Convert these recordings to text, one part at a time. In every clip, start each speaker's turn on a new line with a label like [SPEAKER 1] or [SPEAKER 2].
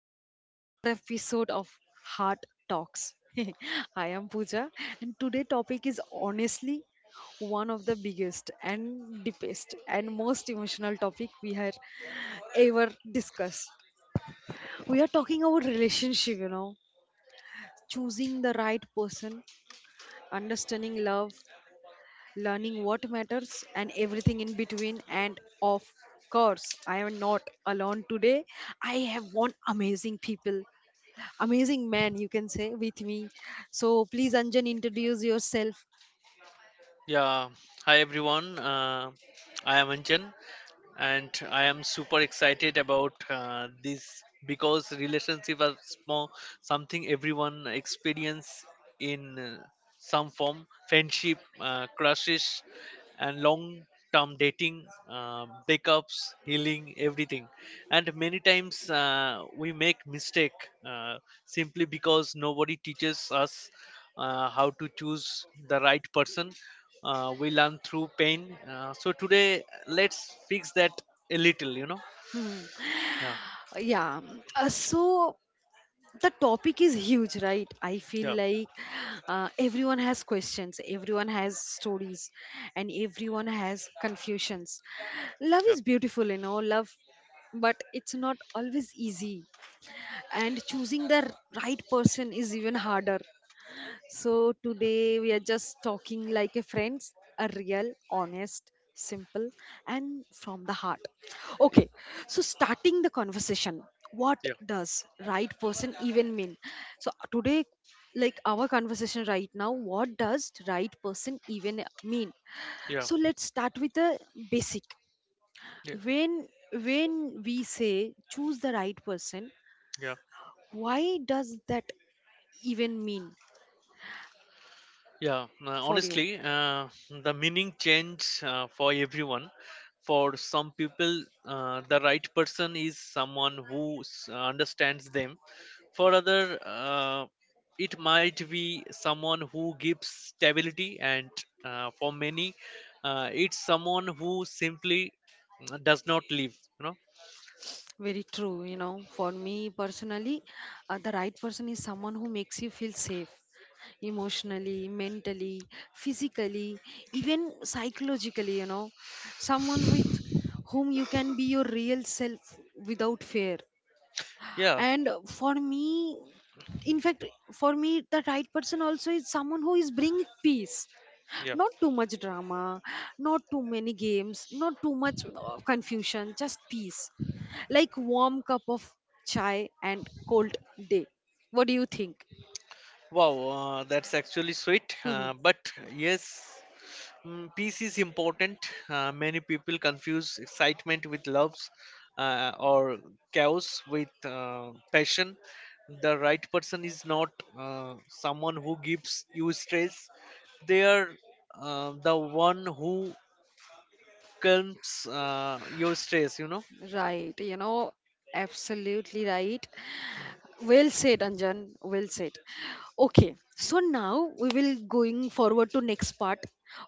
[SPEAKER 1] back to the another episode of Heart Talks. I am Pooja, and today topic is honestly one of the biggest and deepest and most emotional topic we have ever discussed. We are talking about relationship, you know, choosing the right person, understanding love, learning what matters, and everything in between. And of course, I am not alone today. I have one amazing people amazing man you can say with me. So please, Anjan, introduce yourself.
[SPEAKER 2] Yeah, hi everyone. I am Anjan, and I am super excited about this, because relationship are small, something everyone experience in uh, some form: friendship, crushes, and long term dating, breakups, healing, everything. And many times we make mistake, uh, simply because nobody teaches us how to choose the right person. Uh, we learn through pain, so today let's fix that a little. Yeah,
[SPEAKER 1] Uh, yeah so the topic is huge, right? I feel
[SPEAKER 2] yeah,
[SPEAKER 1] like everyone has questions, everyone has stories, and everyone has confusions. Love
[SPEAKER 2] yeah,
[SPEAKER 1] is beautiful, you know, love, but it's not always easy, and choosing the right person is even harder. So today we are just talking like a friends, a real, honest, simple, and from the heart. Okay, so starting the conversation, what
[SPEAKER 2] yeah,
[SPEAKER 1] does right person even mean? So today, like our conversation right now, what does right person even mean?
[SPEAKER 2] yeah,
[SPEAKER 1] So let's start with the basic.
[SPEAKER 2] yeah,
[SPEAKER 1] When when we say choose the right person,
[SPEAKER 2] yeah.
[SPEAKER 1] why does that even mean
[SPEAKER 2] Yeah,
[SPEAKER 1] for you?
[SPEAKER 2] honestly, the meaning change for everyone. For some people, the right person is someone who understands them. For other, it might be someone who gives stability, and for many, it's someone who simply does not live. You know?
[SPEAKER 1] Very true, you know. For me personally, the right person is someone who makes you feel safe emotionally, mentally, physically, even psychologically, you know. Someone with whom you can be your real self without fear.
[SPEAKER 2] Yeah,
[SPEAKER 1] And for me, in fact, for me, the right person also is someone who is bringing peace.
[SPEAKER 2] yeah.
[SPEAKER 1] Not too much drama, not too many games, not too much confusion, just peace, like warm cup of chai and cold day. What do you think?
[SPEAKER 2] Wow, that's actually sweet. But yes. Peace is important. Many people confuse excitement with loves, or chaos with passion. The right person is not someone who gives you stress. They are the one who calms your stress. You know.
[SPEAKER 1] Right, you know, absolutely right. Well said, Anjan, well said. Okay, so now we will going forward to next part.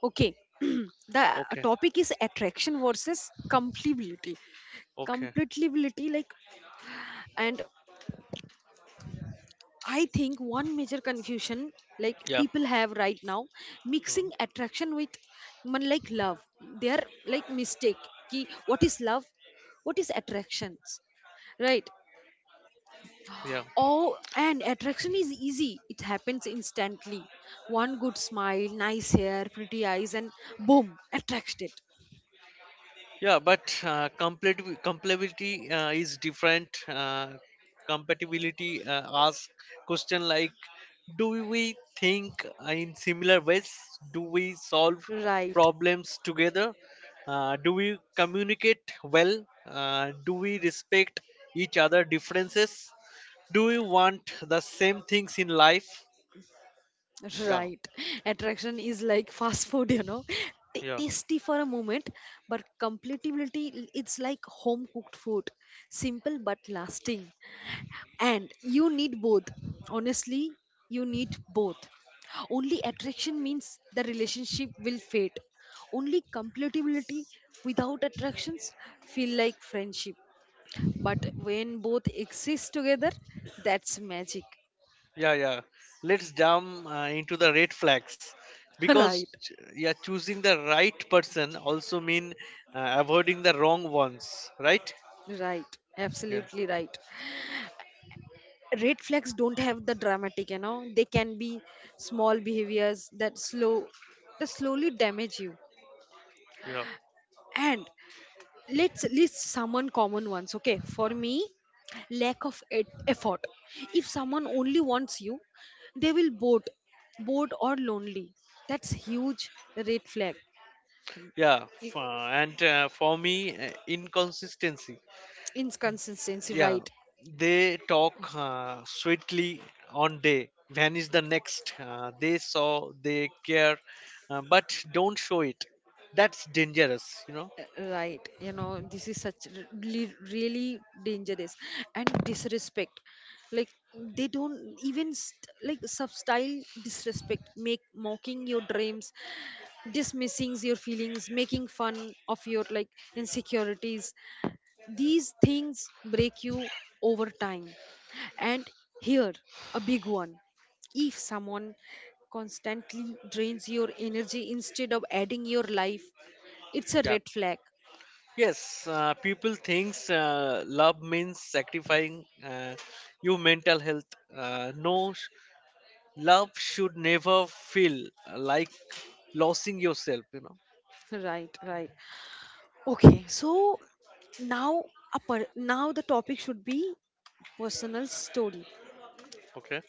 [SPEAKER 1] Okay, the
[SPEAKER 2] Okay.
[SPEAKER 1] topic is attraction versus compatibility.
[SPEAKER 2] Okay.
[SPEAKER 1] Compatibility, like, and I think one major confusion, like
[SPEAKER 2] Yeah.
[SPEAKER 1] people have right now,
[SPEAKER 2] Mhm.
[SPEAKER 1] mixing attraction with man, like love. They are like mistake. Ki, what is love? What is attractions? Right.
[SPEAKER 2] Yeah.
[SPEAKER 1] Oh, and attraction is easy. It happens instantly. One good smile, nice hair, pretty eyes, and boom, attracted.
[SPEAKER 2] Yeah, but complete compatibility is different. Compatibility ask question like, do we think in similar ways? Do we solve
[SPEAKER 1] Right.
[SPEAKER 2] problems together? Do we communicate well? Do we respect each other differences? Do we want the same things in life? Yeah,
[SPEAKER 1] Right. Attraction is like fast food, you know.
[SPEAKER 2] yeah.
[SPEAKER 1] Tasty for a moment, but compatibility, it's like home cooked food. Simple but lasting. And you need both. Honestly, you need both. Only attraction means the relationship will fade. Only compatibility without attractions feel like friendship. But when both exist together, that's magic.
[SPEAKER 2] Yeah, yeah, let's jump into the red flags, because
[SPEAKER 1] Right.
[SPEAKER 2] yeah, choosing the right person also mean avoiding the wrong ones, right?
[SPEAKER 1] Right.
[SPEAKER 2] Yeah,
[SPEAKER 1] Absolutely right. Red flags don't have the dramatic, you know, they can be small behaviors that slowly damage you.
[SPEAKER 2] yeah,
[SPEAKER 1] And let's list someone common ones. Okay, for me, lack of effort. If someone only wants you, they will bored, bored or lonely, that's huge red flag.
[SPEAKER 2] yeah.
[SPEAKER 1] I-
[SPEAKER 2] And for me, inconsistency.
[SPEAKER 1] Inconsistency,
[SPEAKER 2] Yeah,
[SPEAKER 1] right,
[SPEAKER 2] they talk sweetly on day, vanish the next, they saw they care, but don't show it. That's dangerous.
[SPEAKER 1] right. You know, this is such really really dangerous. And disrespect, like they don't even like substyle disrespect, make mocking your dreams, dismissing your feelings, making fun of your like insecurities. These things break you over time. And here a big one: if someone constantly drains your energy instead of adding your life, it's a
[SPEAKER 2] Yeah.
[SPEAKER 1] red flag.
[SPEAKER 2] Yes, people thinks love means sacrificing your mental health. No, love should never feel like losing yourself. You know.
[SPEAKER 1] Right, right. Okay, so now now the topic should be personal story.
[SPEAKER 2] Okay.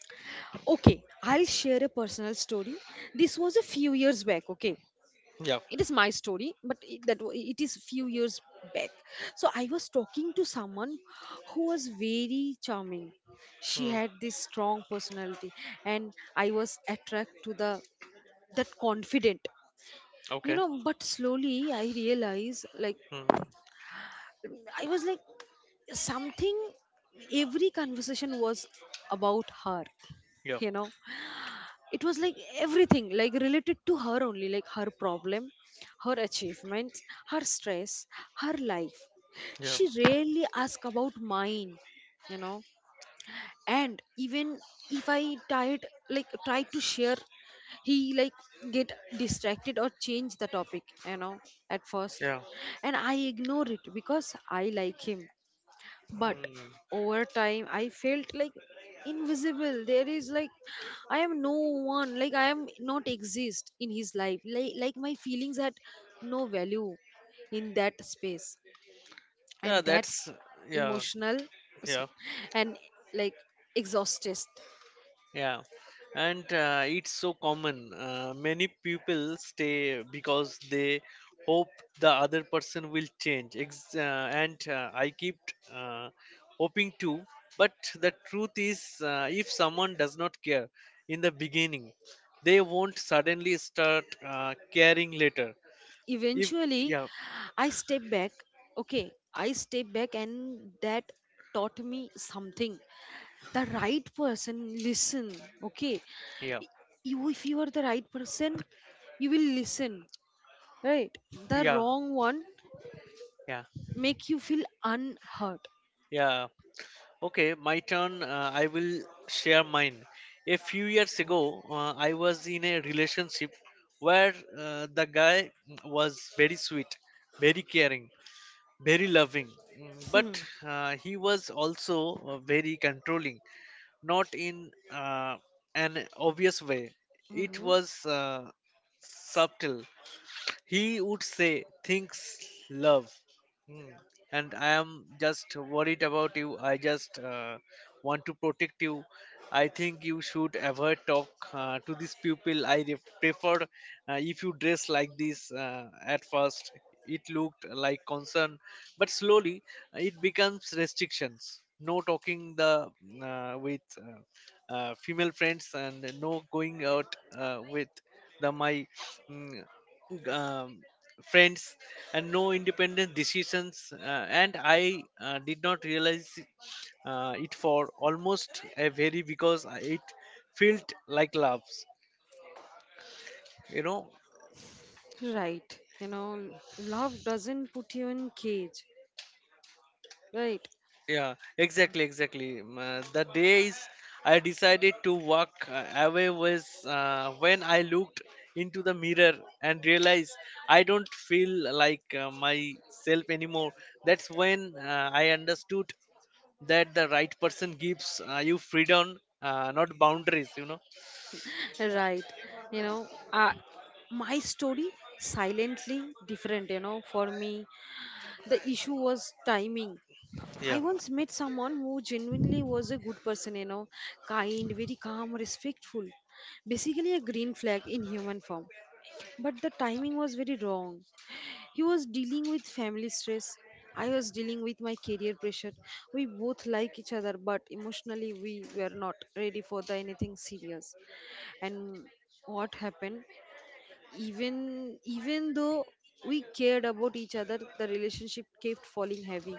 [SPEAKER 1] Okay, I'll share a personal story. This was a few years back. Okay,
[SPEAKER 2] Yeah.
[SPEAKER 1] it is my story, but it, it is few years back. So I was talking to someone who was very charming. She
[SPEAKER 2] Mm.
[SPEAKER 1] had this strong personality, and I was attracted to the that confident, you
[SPEAKER 2] Okay.
[SPEAKER 1] know. But slowly I realized, like
[SPEAKER 2] Mm.
[SPEAKER 1] I was like something, every conversation was about her,
[SPEAKER 2] Yeah.
[SPEAKER 1] you know. It was like everything, like related to her only, like her problem, her achievements, her stress, her life.
[SPEAKER 2] Yeah.
[SPEAKER 1] She rarely asked about mine, you know. And even if I tried, like tried to share, he like get distracted or change the topic, you know. At first,
[SPEAKER 2] Yeah.
[SPEAKER 1] and I ignore it because I like him, but
[SPEAKER 2] Mm.
[SPEAKER 1] over time I felt like invisible. There is like I am no one, like I am not exist in his life, like my feelings had no value in that space.
[SPEAKER 2] Yeah.
[SPEAKER 1] And that's
[SPEAKER 2] That's, yeah.
[SPEAKER 1] emotional, so-
[SPEAKER 2] Yeah.
[SPEAKER 1] and like exhausted.
[SPEAKER 2] Yeah, and it's so common. Many people stay because they hope the other person will change. And I keep uh, hoping too. But the truth is, if someone does not care in the beginning, they won't suddenly start caring later. If
[SPEAKER 1] Eventually,
[SPEAKER 2] Yeah,
[SPEAKER 1] I step back. Okay, I step back and that taught me something. The right person listen. Okay,
[SPEAKER 2] yeah,
[SPEAKER 1] you, if you are the right person, you will listen, right? The
[SPEAKER 2] yeah,
[SPEAKER 1] wrong one
[SPEAKER 2] yeah,
[SPEAKER 1] make you feel unhurt.
[SPEAKER 2] yeah. Okay, my turn. I will share mine. A few years ago, I was in a relationship where the guy was very sweet, very caring, very loving.
[SPEAKER 1] Hmm.
[SPEAKER 2] But he was also very controlling, not in an obvious way. It
[SPEAKER 1] Hmm.
[SPEAKER 2] was subtle. He would say, things love. Hmm. And, I am just worried about you. I just want to protect you. I think you should ever talk to these people. I prefer if you dress like this, at first. It looked like concern, but slowly it becomes restrictions. No talking the with female friends, and no going out with the my mm, um, friends, and no independent decisions, and I did not realize it for almost a very, because it felt like loves, you know.
[SPEAKER 1] Right, you know, love doesn't put you in cage, right?
[SPEAKER 2] Yeah, exactly, exactly. The days I decided to walk away was when I looked into the mirror and realized I don't feel like myself anymore. That's when I understood that the right person gives you freedom, not boundaries, you know.
[SPEAKER 1] Right, you know, uh, my story silently different, you know. For me, the issue was timing.
[SPEAKER 2] Yeah,
[SPEAKER 1] I once met someone who genuinely was a good person, you know, kind, very calm, respectful. Basically, a green flag in human form. But the timing was very wrong. He was dealing with family stress. I was dealing with my career pressure. We both like each other, but emotionally, we were not ready for the anything serious. And what happened? Even though we cared about each other, the relationship kept falling heavy.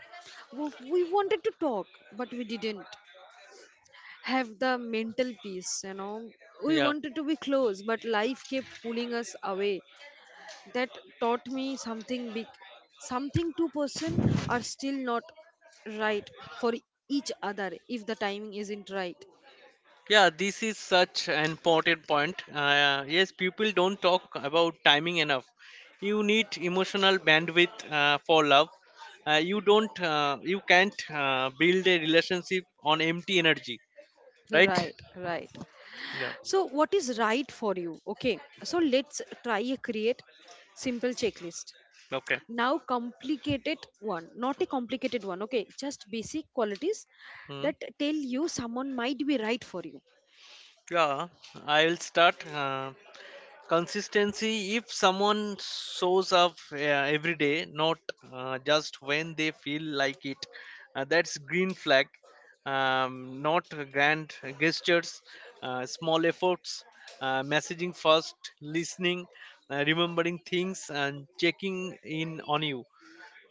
[SPEAKER 1] We wanted to talk, but we didn't have the mental peace, you know. We
[SPEAKER 2] yeah,
[SPEAKER 1] wanted to be close but life kept pulling us away. That taught me something big, something two-person are still not right for each other if the timing isn't right.
[SPEAKER 2] yeah, this is such an important point, yes, people don't talk about timing enough. You need emotional bandwidth for love. Uh, you can't build a relationship on empty energy. Right.
[SPEAKER 1] Right, right.
[SPEAKER 2] Yeah.
[SPEAKER 1] So what is right for you? Okay, so let's try a create simple checklist.
[SPEAKER 2] Okay.
[SPEAKER 1] Now complicated one, not a complicated one, okay, just basic qualities
[SPEAKER 2] Hmm.
[SPEAKER 1] that tell you someone might be right for you.
[SPEAKER 2] Yeah, I will start. Uh, consistency. If someone shows up every day, not just when they feel like it, that's green flag. Not grand gestures, small efforts, messaging first, listening, remembering things and checking in on you,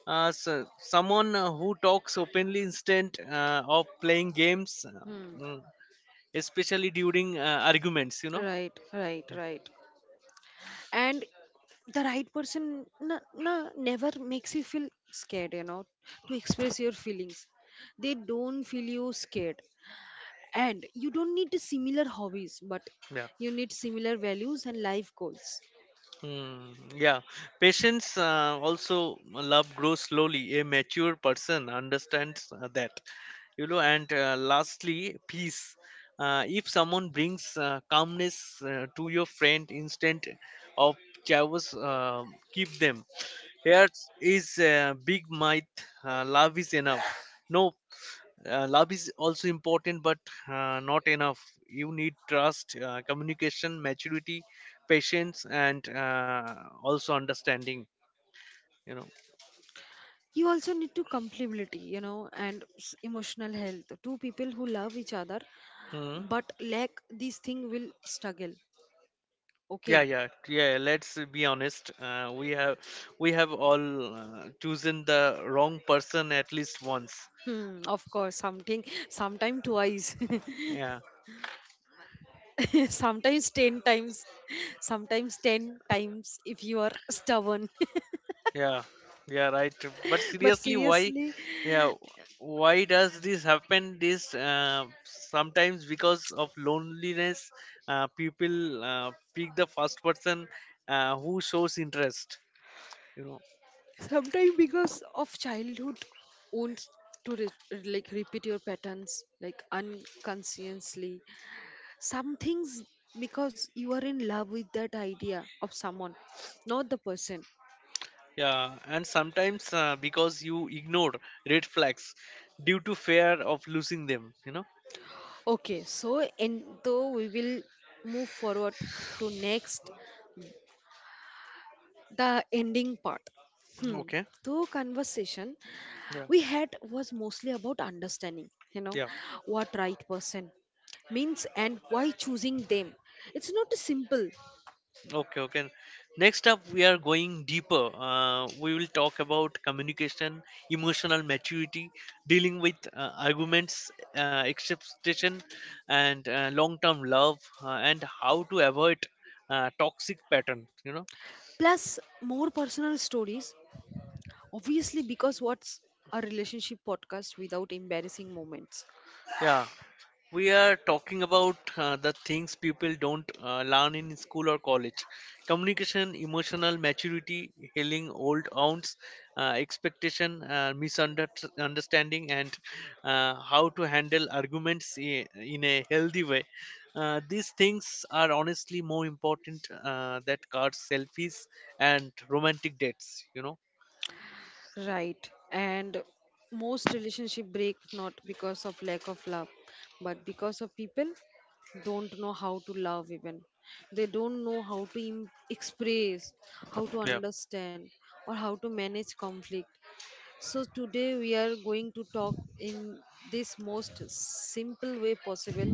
[SPEAKER 2] so someone who talks openly instead of playing games,
[SPEAKER 1] Hmm.
[SPEAKER 2] um, especially during arguments, you know.
[SPEAKER 1] Right, right,
[SPEAKER 2] Yeah,
[SPEAKER 1] right. And the right person never makes you feel scared, you know, to express your feelings. They don't feel you scared. And you don't need similar hobbies, but
[SPEAKER 2] yeah.
[SPEAKER 1] you need similar values and life goals.
[SPEAKER 2] Hmm, yeah, patience also. Uh, love grows slowly. A mature person understands that, you know. And lastly, peace. If someone brings calmness to your friend instant of chaos, keep them. Here is a big myth: love is enough. No, love is also important, but not enough. You need trust, communication, maturity, patience, and also understanding, you know.
[SPEAKER 1] You also need to compatibility, you know, and emotional health. Two people who love each other
[SPEAKER 2] Hmm.
[SPEAKER 1] but lack these thing will struggle.
[SPEAKER 2] Yeah,
[SPEAKER 1] Okay.
[SPEAKER 2] yeah, yeah, let's be honest, we have all chosen the wrong person at least once.
[SPEAKER 1] Hmm, of course something, sometime twice.
[SPEAKER 2] Yeah,
[SPEAKER 1] Sometimes 10 times, sometimes 10 times if you are stubborn.
[SPEAKER 2] yeah, yeah, right, but
[SPEAKER 1] But
[SPEAKER 2] seriously, why?
[SPEAKER 1] seriously,
[SPEAKER 2] Yeah. Why does this happen? This Sometimes because of loneliness, people pick the first person who shows interest, you know.
[SPEAKER 1] sometimes because of childhood wounds, to repeat your patterns like unconsciously. Some things, because you are in love with that idea of someone, not the person.
[SPEAKER 2] Yeah, and sometimes because you ignore red flags due to fear of losing them, you know.
[SPEAKER 1] Okay, so and though we will move forward to next, the ending part. Hmm,
[SPEAKER 2] Okay.
[SPEAKER 1] though conversation
[SPEAKER 2] Yeah.
[SPEAKER 1] we had was mostly about understanding, you know,
[SPEAKER 2] Yeah.
[SPEAKER 1] what right person means and why choosing them, it's not simple.
[SPEAKER 2] Okay. Okay. Next up, we are going deeper. We will talk about communication, emotional maturity, dealing with arguments, acceptation, and long-term love, and how to avoid toxic pattern. You know.
[SPEAKER 1] Plus more personal stories, obviously, because what's a relationship podcast without embarrassing moments?
[SPEAKER 2] Yeah. We are talking about the things people don't learn in school or college: communication, emotional maturity, healing old wounds, expectation, misunderstanding, and how to handle arguments in a healthy way. Uh, these things are honestly more important than cards, selfies, and romantic dates, you know.
[SPEAKER 1] Right. And most relationship break not because of lack of love, but because of people don't know how to love even. They don't know how to express, how to
[SPEAKER 2] Yeah,
[SPEAKER 1] understand, or how to manage conflict. So today we are going to talk in this most simple way possible,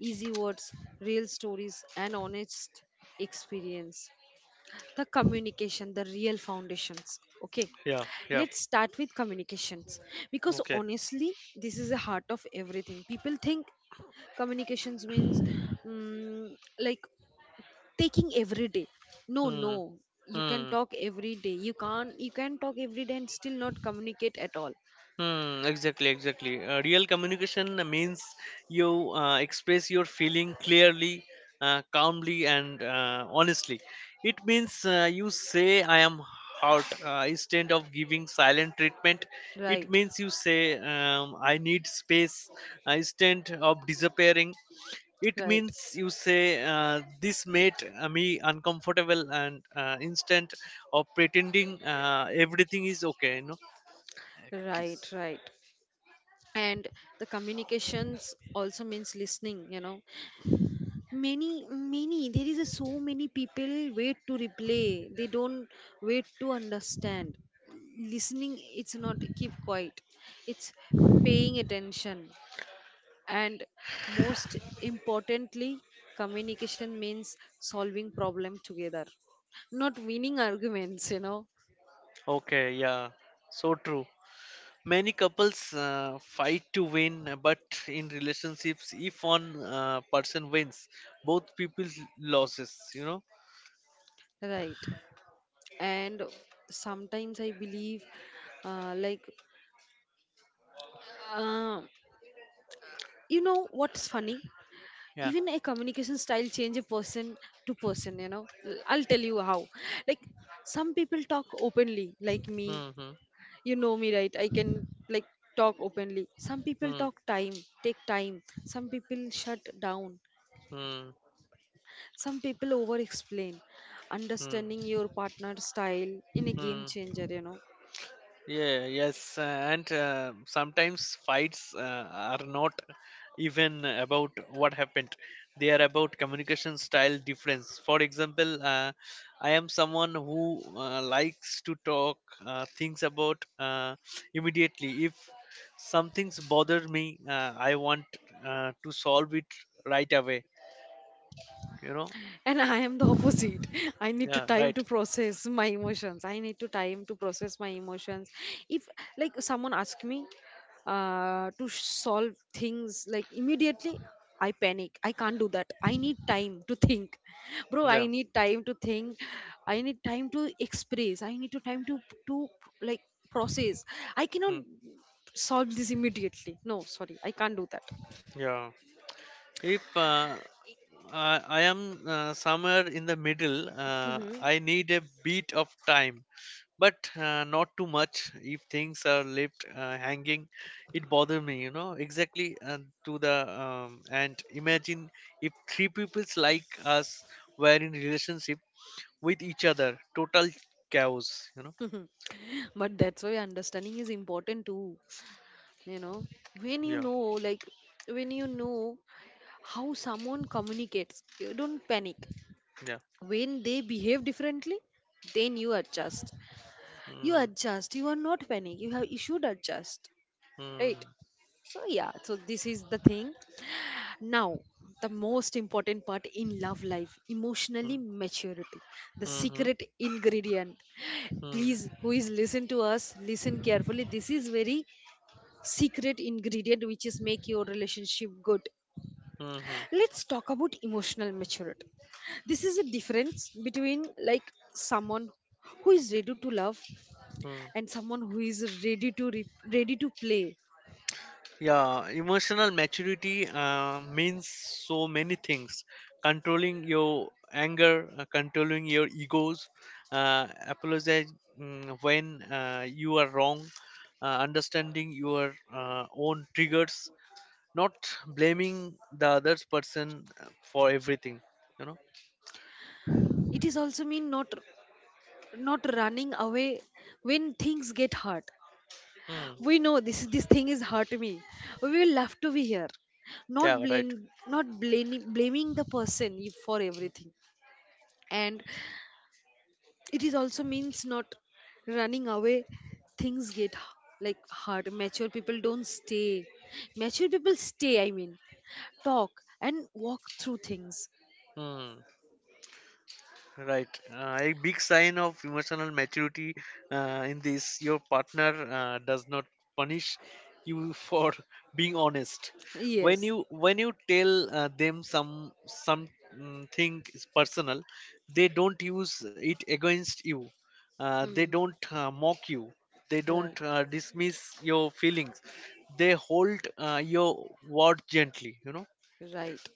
[SPEAKER 1] easy words, real stories, and honest experience. The communication, the real foundations. Okay,
[SPEAKER 2] yeah, yeah.
[SPEAKER 1] let's start with communications, because
[SPEAKER 2] Okay.
[SPEAKER 1] honestly this is the heart of everything. People think communications means, mm, like taking every day. No, no,
[SPEAKER 2] Hmm.
[SPEAKER 1] you can
[SPEAKER 2] Hmm.
[SPEAKER 1] talk every day, you can't you can talk every day and still not communicate at all.
[SPEAKER 2] Hmm, exactly, exactly. Real communication means you express your feeling clearly, calmly, and honestly. It means you say, I am hurt, instead of giving silent treatment.
[SPEAKER 1] Right.
[SPEAKER 2] It means you say, I need space, instead of disappearing. It
[SPEAKER 1] Right.
[SPEAKER 2] means you say, this made me uncomfortable, and instead of pretending everything is okay, you know. Uh,
[SPEAKER 1] Right.
[SPEAKER 2] Please.
[SPEAKER 1] Right. And the communications also means listening, you know. There is a so many people wait to replay. They don't wait to understand. Listening, it's not keep quiet. It's paying attention. And most importantly, communication means solving problem together, not winning arguments, you know.
[SPEAKER 2] Okay, yeah, so true. Many couples fight to win, but in relationships, if one person wins, both people loses. You know?
[SPEAKER 1] Right. And sometimes I believe, uh, like, uh, you know what's funny?
[SPEAKER 2] Yeah.
[SPEAKER 1] Even a communication style change a person to person, you know. I'll tell you how. Like, some people talk openly like me,
[SPEAKER 2] Hmm.
[SPEAKER 1] you know me, right? I can, like, talk openly. Some people
[SPEAKER 2] Hmm.
[SPEAKER 1] talk time, take time. Some people shut down.
[SPEAKER 2] Hmm.
[SPEAKER 1] Some people over explain.
[SPEAKER 2] Hmm.
[SPEAKER 1] Understanding your partner's style in a game
[SPEAKER 2] Hmm.
[SPEAKER 1] changer, you know.
[SPEAKER 2] Yeah, yes, and sometimes fights are not even about what happened. They are about communication style difference. For example, I am someone who likes to talk things about, immediately. If something's bothered me, I want to solve it right away. You know?
[SPEAKER 1] And I am the opposite.
[SPEAKER 2] Yeah, right.
[SPEAKER 1] I need to time to process my emotions. If, like, someone asks me to solve things like immediately, I panic. I can't do that. I need time to think. Bro, I
[SPEAKER 2] Yeah.
[SPEAKER 1] need time to think. I need time to express. I need to time to like process. I cannot
[SPEAKER 2] Mm,
[SPEAKER 1] solve this immediately. No, sorry, I can't do that.
[SPEAKER 2] yeah. If I am somewhere in the middle.
[SPEAKER 1] Mhm.
[SPEAKER 2] I need a bit of time, but not too much. If things are left hanging, it bothers me, you know, exactly, to the and imagine if three peoples like us were in relationship with each other, total chaos, you know.
[SPEAKER 1] But that's why understanding is important too, you know, when you
[SPEAKER 2] Yeah,
[SPEAKER 1] know, like when you know how someone communicates, you don't panic
[SPEAKER 2] yeah.
[SPEAKER 1] when they behave differently. Then you adjust. You
[SPEAKER 2] Mm,
[SPEAKER 1] adjust, you are not panic, you have you should adjust,
[SPEAKER 2] mm,
[SPEAKER 1] right? So yeah, so this is the thing now. The most important part in love life,
[SPEAKER 2] mm,
[SPEAKER 1] emotionally maturity, the
[SPEAKER 2] mm,
[SPEAKER 1] secret ingredient, please
[SPEAKER 2] mm,
[SPEAKER 1] who is listen to us, listen carefully, this is very secret ingredient which is make your relationship good.
[SPEAKER 2] mm, mm,
[SPEAKER 1] Let's talk about emotional maturity. This is a difference between like someone who is ready to love
[SPEAKER 2] mm.
[SPEAKER 1] and someone who is ready to ready to play.
[SPEAKER 2] Yeah, emotional maturity means so many things. Controlling your anger, controlling your egos, apologize when you are wrong, understanding your own triggers, not blaming the other person for everything. You know.
[SPEAKER 1] It is also mean not running away when things get hard.
[SPEAKER 2] Hmm.
[SPEAKER 1] We know this thing is hurt me, we will love to be here. Not
[SPEAKER 2] Yeah.
[SPEAKER 1] blame,
[SPEAKER 2] Right.
[SPEAKER 1] not blaming blaming the person for everything. And it is also means not running away things get hard. Mature people don't stay, mature people stay, I mean, talk and walk through things.
[SPEAKER 2] Hmm. Right. A big sign of emotional maturity in this. Your partner does not punish you for being honest. When
[SPEAKER 1] Yes.
[SPEAKER 2] you when you tell them something is personal, they don't use it against you. They
[SPEAKER 1] Hmm.
[SPEAKER 2] don't mock you. They
[SPEAKER 1] Right,
[SPEAKER 2] don't dismiss your feelings. They hold your word gently. You know.
[SPEAKER 1] right.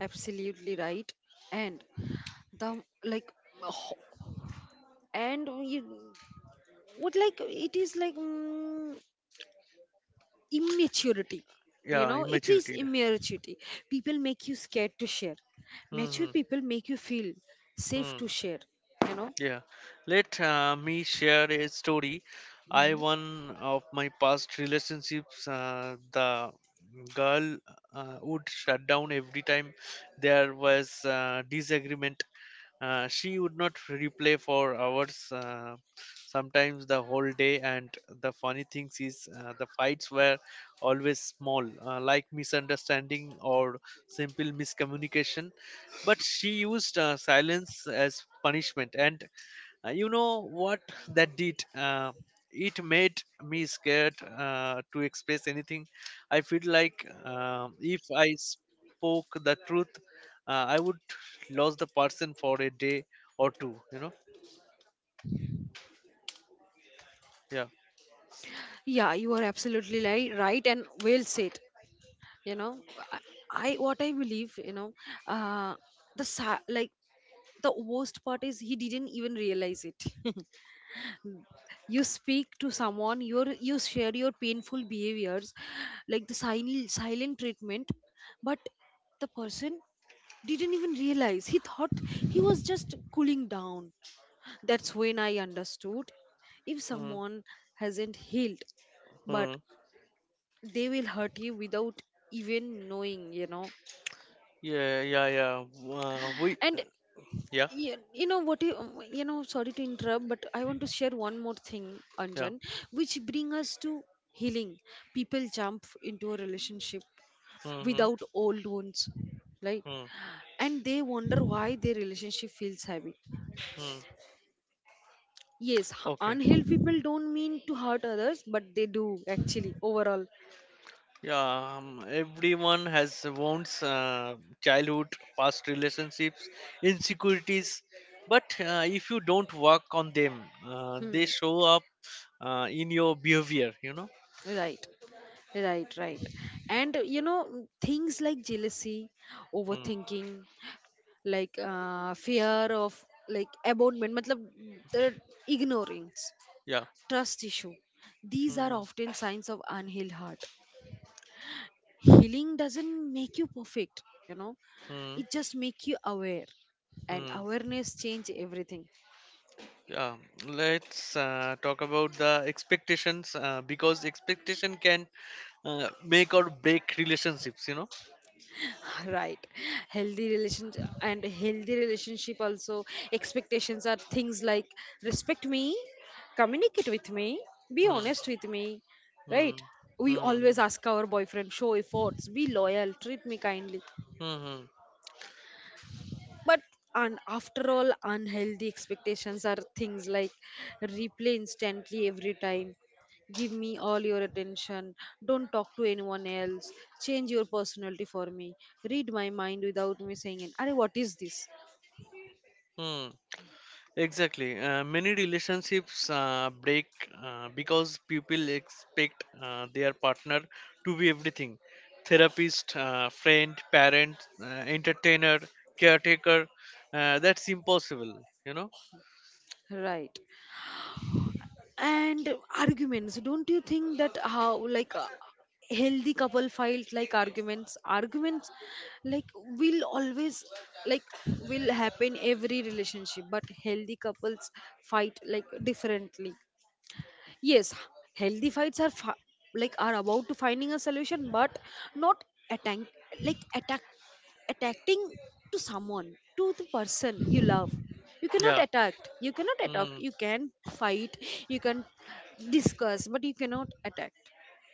[SPEAKER 1] Absolutely right. And the like ho- and you, what like it is like immaturity, you
[SPEAKER 2] Yeah,
[SPEAKER 1] know, it is
[SPEAKER 2] immaturity.
[SPEAKER 1] immaturity. People make you scared to share, mature
[SPEAKER 2] Hmm.
[SPEAKER 1] people make you feel safe
[SPEAKER 2] Hmm,
[SPEAKER 1] to
[SPEAKER 2] hmm.
[SPEAKER 1] share, you know.
[SPEAKER 2] Yeah, let me share a story.
[SPEAKER 1] Mhm.
[SPEAKER 2] I One of my past relationships, the girl would shut down every time there was disagreement. She would not replay for hours, sometimes the whole day. And the funny thing is, the fights were always small, like misunderstanding or simple miscommunication. But she used silence as punishment, and you know what that did? It made me scared to express anything. I feel like, if I spoke the truth, I would lose the person for a day or two. You know? Yeah.
[SPEAKER 1] Yeah, you are absolutely right and well said, you know. i what I believe, you know, uh the the worst part is he didn't even realize it. You speak to someone, you share your painful behaviors like the silent treatment, but the person didn't even realize. He thought he was just cooling down. That's when I understood. If
[SPEAKER 2] Hmm.
[SPEAKER 1] someone hasn't healed,
[SPEAKER 2] Hmm.
[SPEAKER 1] but they will hurt you without even knowing, you know.
[SPEAKER 2] Yeah. Yeah. Yeah. We.
[SPEAKER 1] And
[SPEAKER 2] Yeah.
[SPEAKER 1] you know what you know, sorry to interrupt, but I want to share one more thing,
[SPEAKER 2] Yeah.
[SPEAKER 1] Anjan, which bring us to healing. People jump into a relationship
[SPEAKER 2] Hmm.
[SPEAKER 1] without old wounds, right,
[SPEAKER 2] Hmm. Hmm.
[SPEAKER 1] and they wonder why their relationship feels heavy.
[SPEAKER 2] Hmm.
[SPEAKER 1] Yes,
[SPEAKER 2] Okay.
[SPEAKER 1] unhealed people don't mean to hurt others, but they do actually overall.
[SPEAKER 2] Yeah, everyone has wounds: childhood, past relationships, insecurities. But if you don't work on them, they
[SPEAKER 1] Hmm.
[SPEAKER 2] show up in your behavior, you know?
[SPEAKER 1] Right, right, right. And you know, things like jealousy,
[SPEAKER 2] Mm,
[SPEAKER 1] overthinking, like fear of like abandonment, matlab, the ignorance,
[SPEAKER 2] yeah.
[SPEAKER 1] trust issue. These are
[SPEAKER 2] Mm,
[SPEAKER 1] often signs of unhealed heart. Healing doesn't make you perfect, you know,
[SPEAKER 2] mm,
[SPEAKER 1] it just makes you aware, and
[SPEAKER 2] mm.
[SPEAKER 1] awareness change everything.
[SPEAKER 2] Yeah. Let's talk about the expectations, because expectation can make or break relationships, you know?
[SPEAKER 1] Right. Healthy relationship and healthy relationship also expectations are things like respect me, communicate with me, be
[SPEAKER 2] Mm,
[SPEAKER 1] honest with me.
[SPEAKER 2] mm,
[SPEAKER 1] Right, we
[SPEAKER 2] mm,
[SPEAKER 1] always ask our boyfriend show efforts, be loyal, treat me kindly.
[SPEAKER 2] mm,
[SPEAKER 1] But and after all unhealthy expectations are things like replay instantly every time, give me all your attention, don't talk to anyone else, change your personality for me, read my mind without me saying it. Arey, what is this?
[SPEAKER 2] mm. Exactly. Many relationships break because people expect their partner to be everything: therapist, friend, parent, entertainer, caretaker. That's impossible, you know?
[SPEAKER 1] Right. And arguments, don't you think that how like a healthy couple fight, like arguments will always like will happen every relationship, but healthy couples fight like differently. Yes, healthy fights are are about to finding a solution, but not attack, like attack attacking to someone, to the person you love. You cannot
[SPEAKER 2] Yeah.
[SPEAKER 1] attack. You cannot attack. You can fight. You can discuss, but you cannot attack.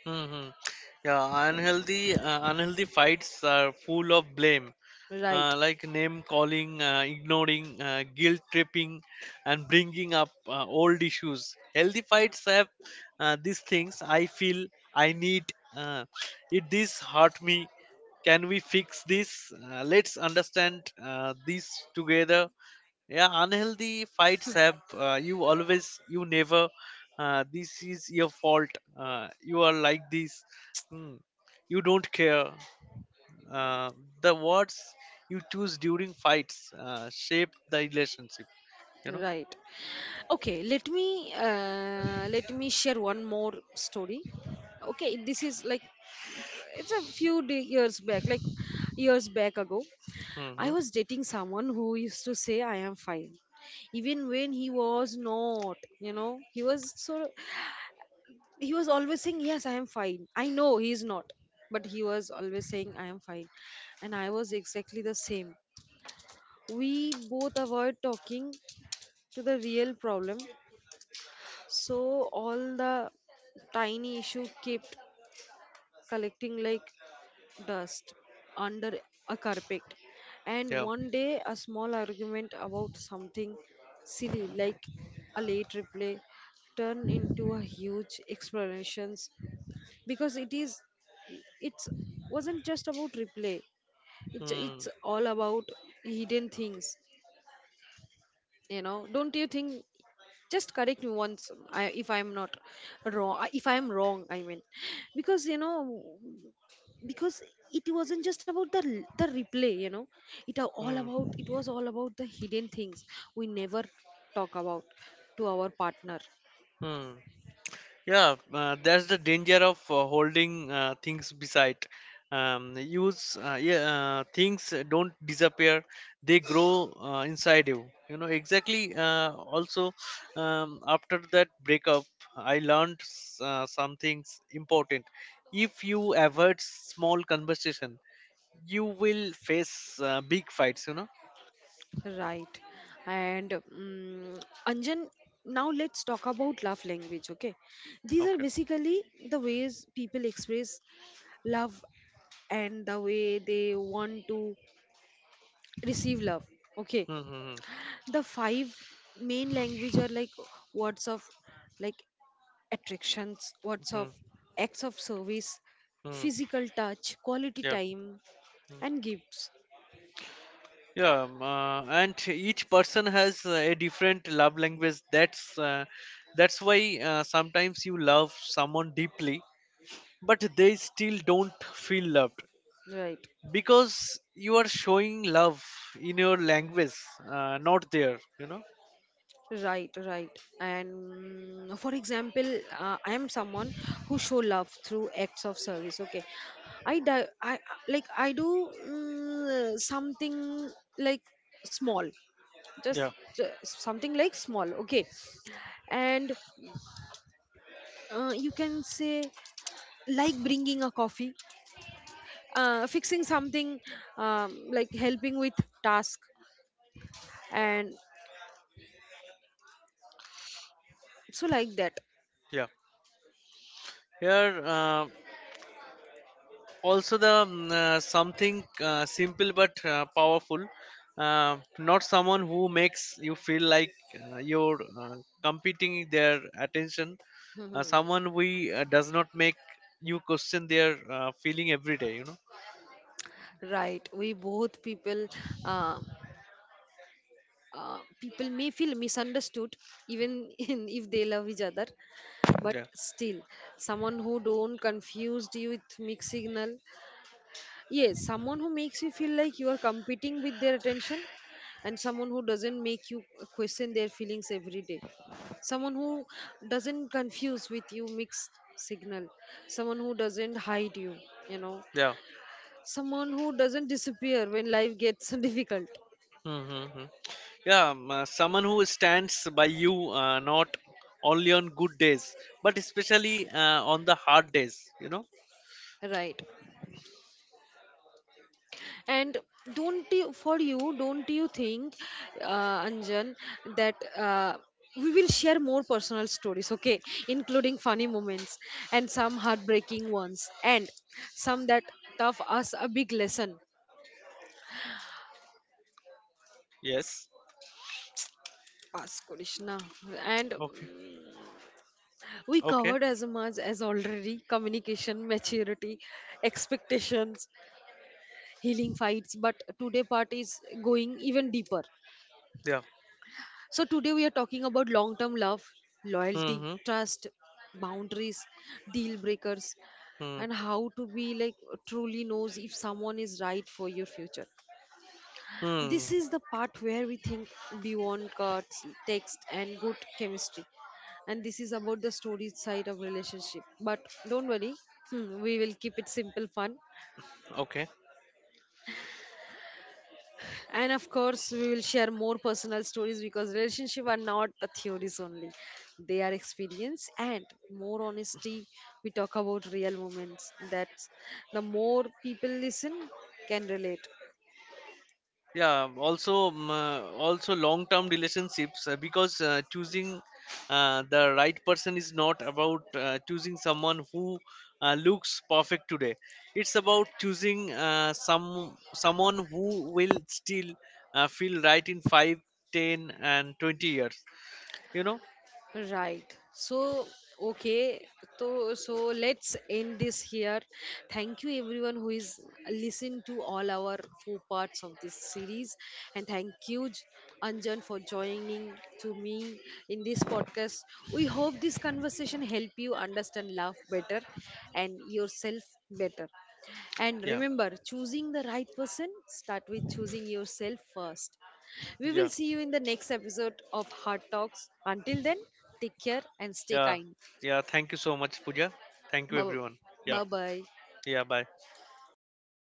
[SPEAKER 2] Mm-hmm. Yeah, unhealthy fights are full of blame,
[SPEAKER 1] Right,
[SPEAKER 2] like name calling, ignoring, guilt tripping, and bringing up old issues. Healthy fights have these things. I feel, I need uh, it. This hurt me. Can we fix this? Let's understand this together. Yeah, unhealthy fights have you always, you never. This is your fault. You are like this. Hmm. You don't care. Uh, the words you choose during fights shape the relationship. You know.
[SPEAKER 1] right. Okay, let me share one more story. Okay, this is like it's a few years back, like years back ago. I
[SPEAKER 2] Hmm.
[SPEAKER 1] was dating someone who used to say I am fine, even when he was not. You know, he was so he was always saying yes, I am fine. I know he is not, but he was always saying I am fine, and I was exactly the same. We both avoid talking to the real problem, so all the tiny issue kept collecting like dust under a carpet. And
[SPEAKER 2] Yeah.
[SPEAKER 1] one day, a small argument about something silly like a late replay turned into a huge explanations, because it's wasn't just about replay,
[SPEAKER 2] Mm,
[SPEAKER 1] it's all about hidden things, you know. Don't you think, just correct me once, if I'm not wrong, if I'm wrong, I mean, because you know, because it wasn't just about the replay, you know,
[SPEAKER 2] mm,
[SPEAKER 1] it was all about the hidden things we never talk about to our partner.
[SPEAKER 2] mm. Yeah. That's the danger of holding things beside. Use Yeah, things don't disappear; they grow inside you. You know exactly. Also, after that breakup, I learned some things important. If you avoid small conversation, you will face big fights, you know.
[SPEAKER 1] Right. And Anjan, now let's talk about love language. Okay, these are
[SPEAKER 2] Okay.
[SPEAKER 1] basically the ways people express love and the way they want to receive love, okay.
[SPEAKER 2] Mm-hmm.
[SPEAKER 1] The five main language are like words of like attractions, words of, acts of service,
[SPEAKER 2] Mm-hmm.
[SPEAKER 1] physical touch, quality
[SPEAKER 2] Yeah.
[SPEAKER 1] time,
[SPEAKER 2] Mm.
[SPEAKER 1] and gifts.
[SPEAKER 2] Yeah. And each person has a different love language. That's why sometimes you love someone deeply, but they still don't feel loved,
[SPEAKER 1] Right,
[SPEAKER 2] because you are showing love in your language, not there. You know.
[SPEAKER 1] right, right. And for example, I am someone who show love through acts of service, okay. I like I do something like small, just,
[SPEAKER 2] Yeah.
[SPEAKER 1] just something like small, okay. And you can say like bringing a coffee, fixing something, like helping with task and so like that.
[SPEAKER 2] Yeah. Here. Also something simple but powerful. Uh, not someone who makes you feel like you're competing their attention,
[SPEAKER 1] Mhm.
[SPEAKER 2] someone we does not make you question their feeling every day, you know.
[SPEAKER 1] Right, we both people, uh, people may feel misunderstood even if they love each other, but
[SPEAKER 2] Yeah,
[SPEAKER 1] still someone who don't confused you with mixed signal. Yes, someone who makes you feel like you are competing with their attention, and someone who doesn't make you question their feelings every day. Someone who doesn't confuse with you mixed signal. Someone who doesn't hide you, you know.
[SPEAKER 2] yeah.
[SPEAKER 1] Someone who doesn't disappear when life gets difficult.
[SPEAKER 2] Mm-hmm. Yeah. Someone who stands by you, not only on good days but especially on the hard days, you know.
[SPEAKER 1] Right. And don't you, for you, don't you think, Anjan, that we will share more personal stories, okay, including funny moments and some heartbreaking ones, and some that tough us a big lesson.
[SPEAKER 2] Yes.
[SPEAKER 1] Ask Krishna, and
[SPEAKER 2] Okay,
[SPEAKER 1] we
[SPEAKER 2] okay.
[SPEAKER 1] covered as much as already communication, maturity, expectations, healing fights, but today part is going even deeper.
[SPEAKER 2] Yeah.
[SPEAKER 1] So today we are talking about long term love, loyalty,
[SPEAKER 2] Mm-hmm.
[SPEAKER 1] trust, boundaries, deal breakers,
[SPEAKER 2] Hmm.
[SPEAKER 1] and how to be like truly knows if someone is right for your future.
[SPEAKER 2] Hmm.
[SPEAKER 1] This is the part where we think beyond cards, text, and good chemistry. And this is about the story side of relationship. But don't worry, we will keep it simple fun,
[SPEAKER 2] Okay.
[SPEAKER 1] and of course we will share more personal stories because relationships are not the theories only, they are experience, and more honesty we talk about real moments. That's the more people listen can relate.
[SPEAKER 2] Yeah. Also, also long-term relationships, because choosing the right person is not about choosing someone who looks perfect today. It's about choosing someone who will still feel right in 5, 10, and 20 years. You know.
[SPEAKER 1] Right. So okay. So let's end this here. Thank you, everyone who is listened to all our four parts of this series, and thank you, Anjan, for joining to me in this podcast. We hope this conversation help you understand love better and yourself better. And
[SPEAKER 2] Yeah.
[SPEAKER 1] remember, choosing the right person start with choosing yourself first. We will
[SPEAKER 2] Yeah.
[SPEAKER 1] see you in the next episode of Heart Talks. Until then, take care and stay
[SPEAKER 2] Yeah.
[SPEAKER 1] kind.
[SPEAKER 2] Yeah. Thank you so much, Pooja. Thank you, everyone. Yeah.
[SPEAKER 1] Bye bye.
[SPEAKER 2] Yeah. Bye.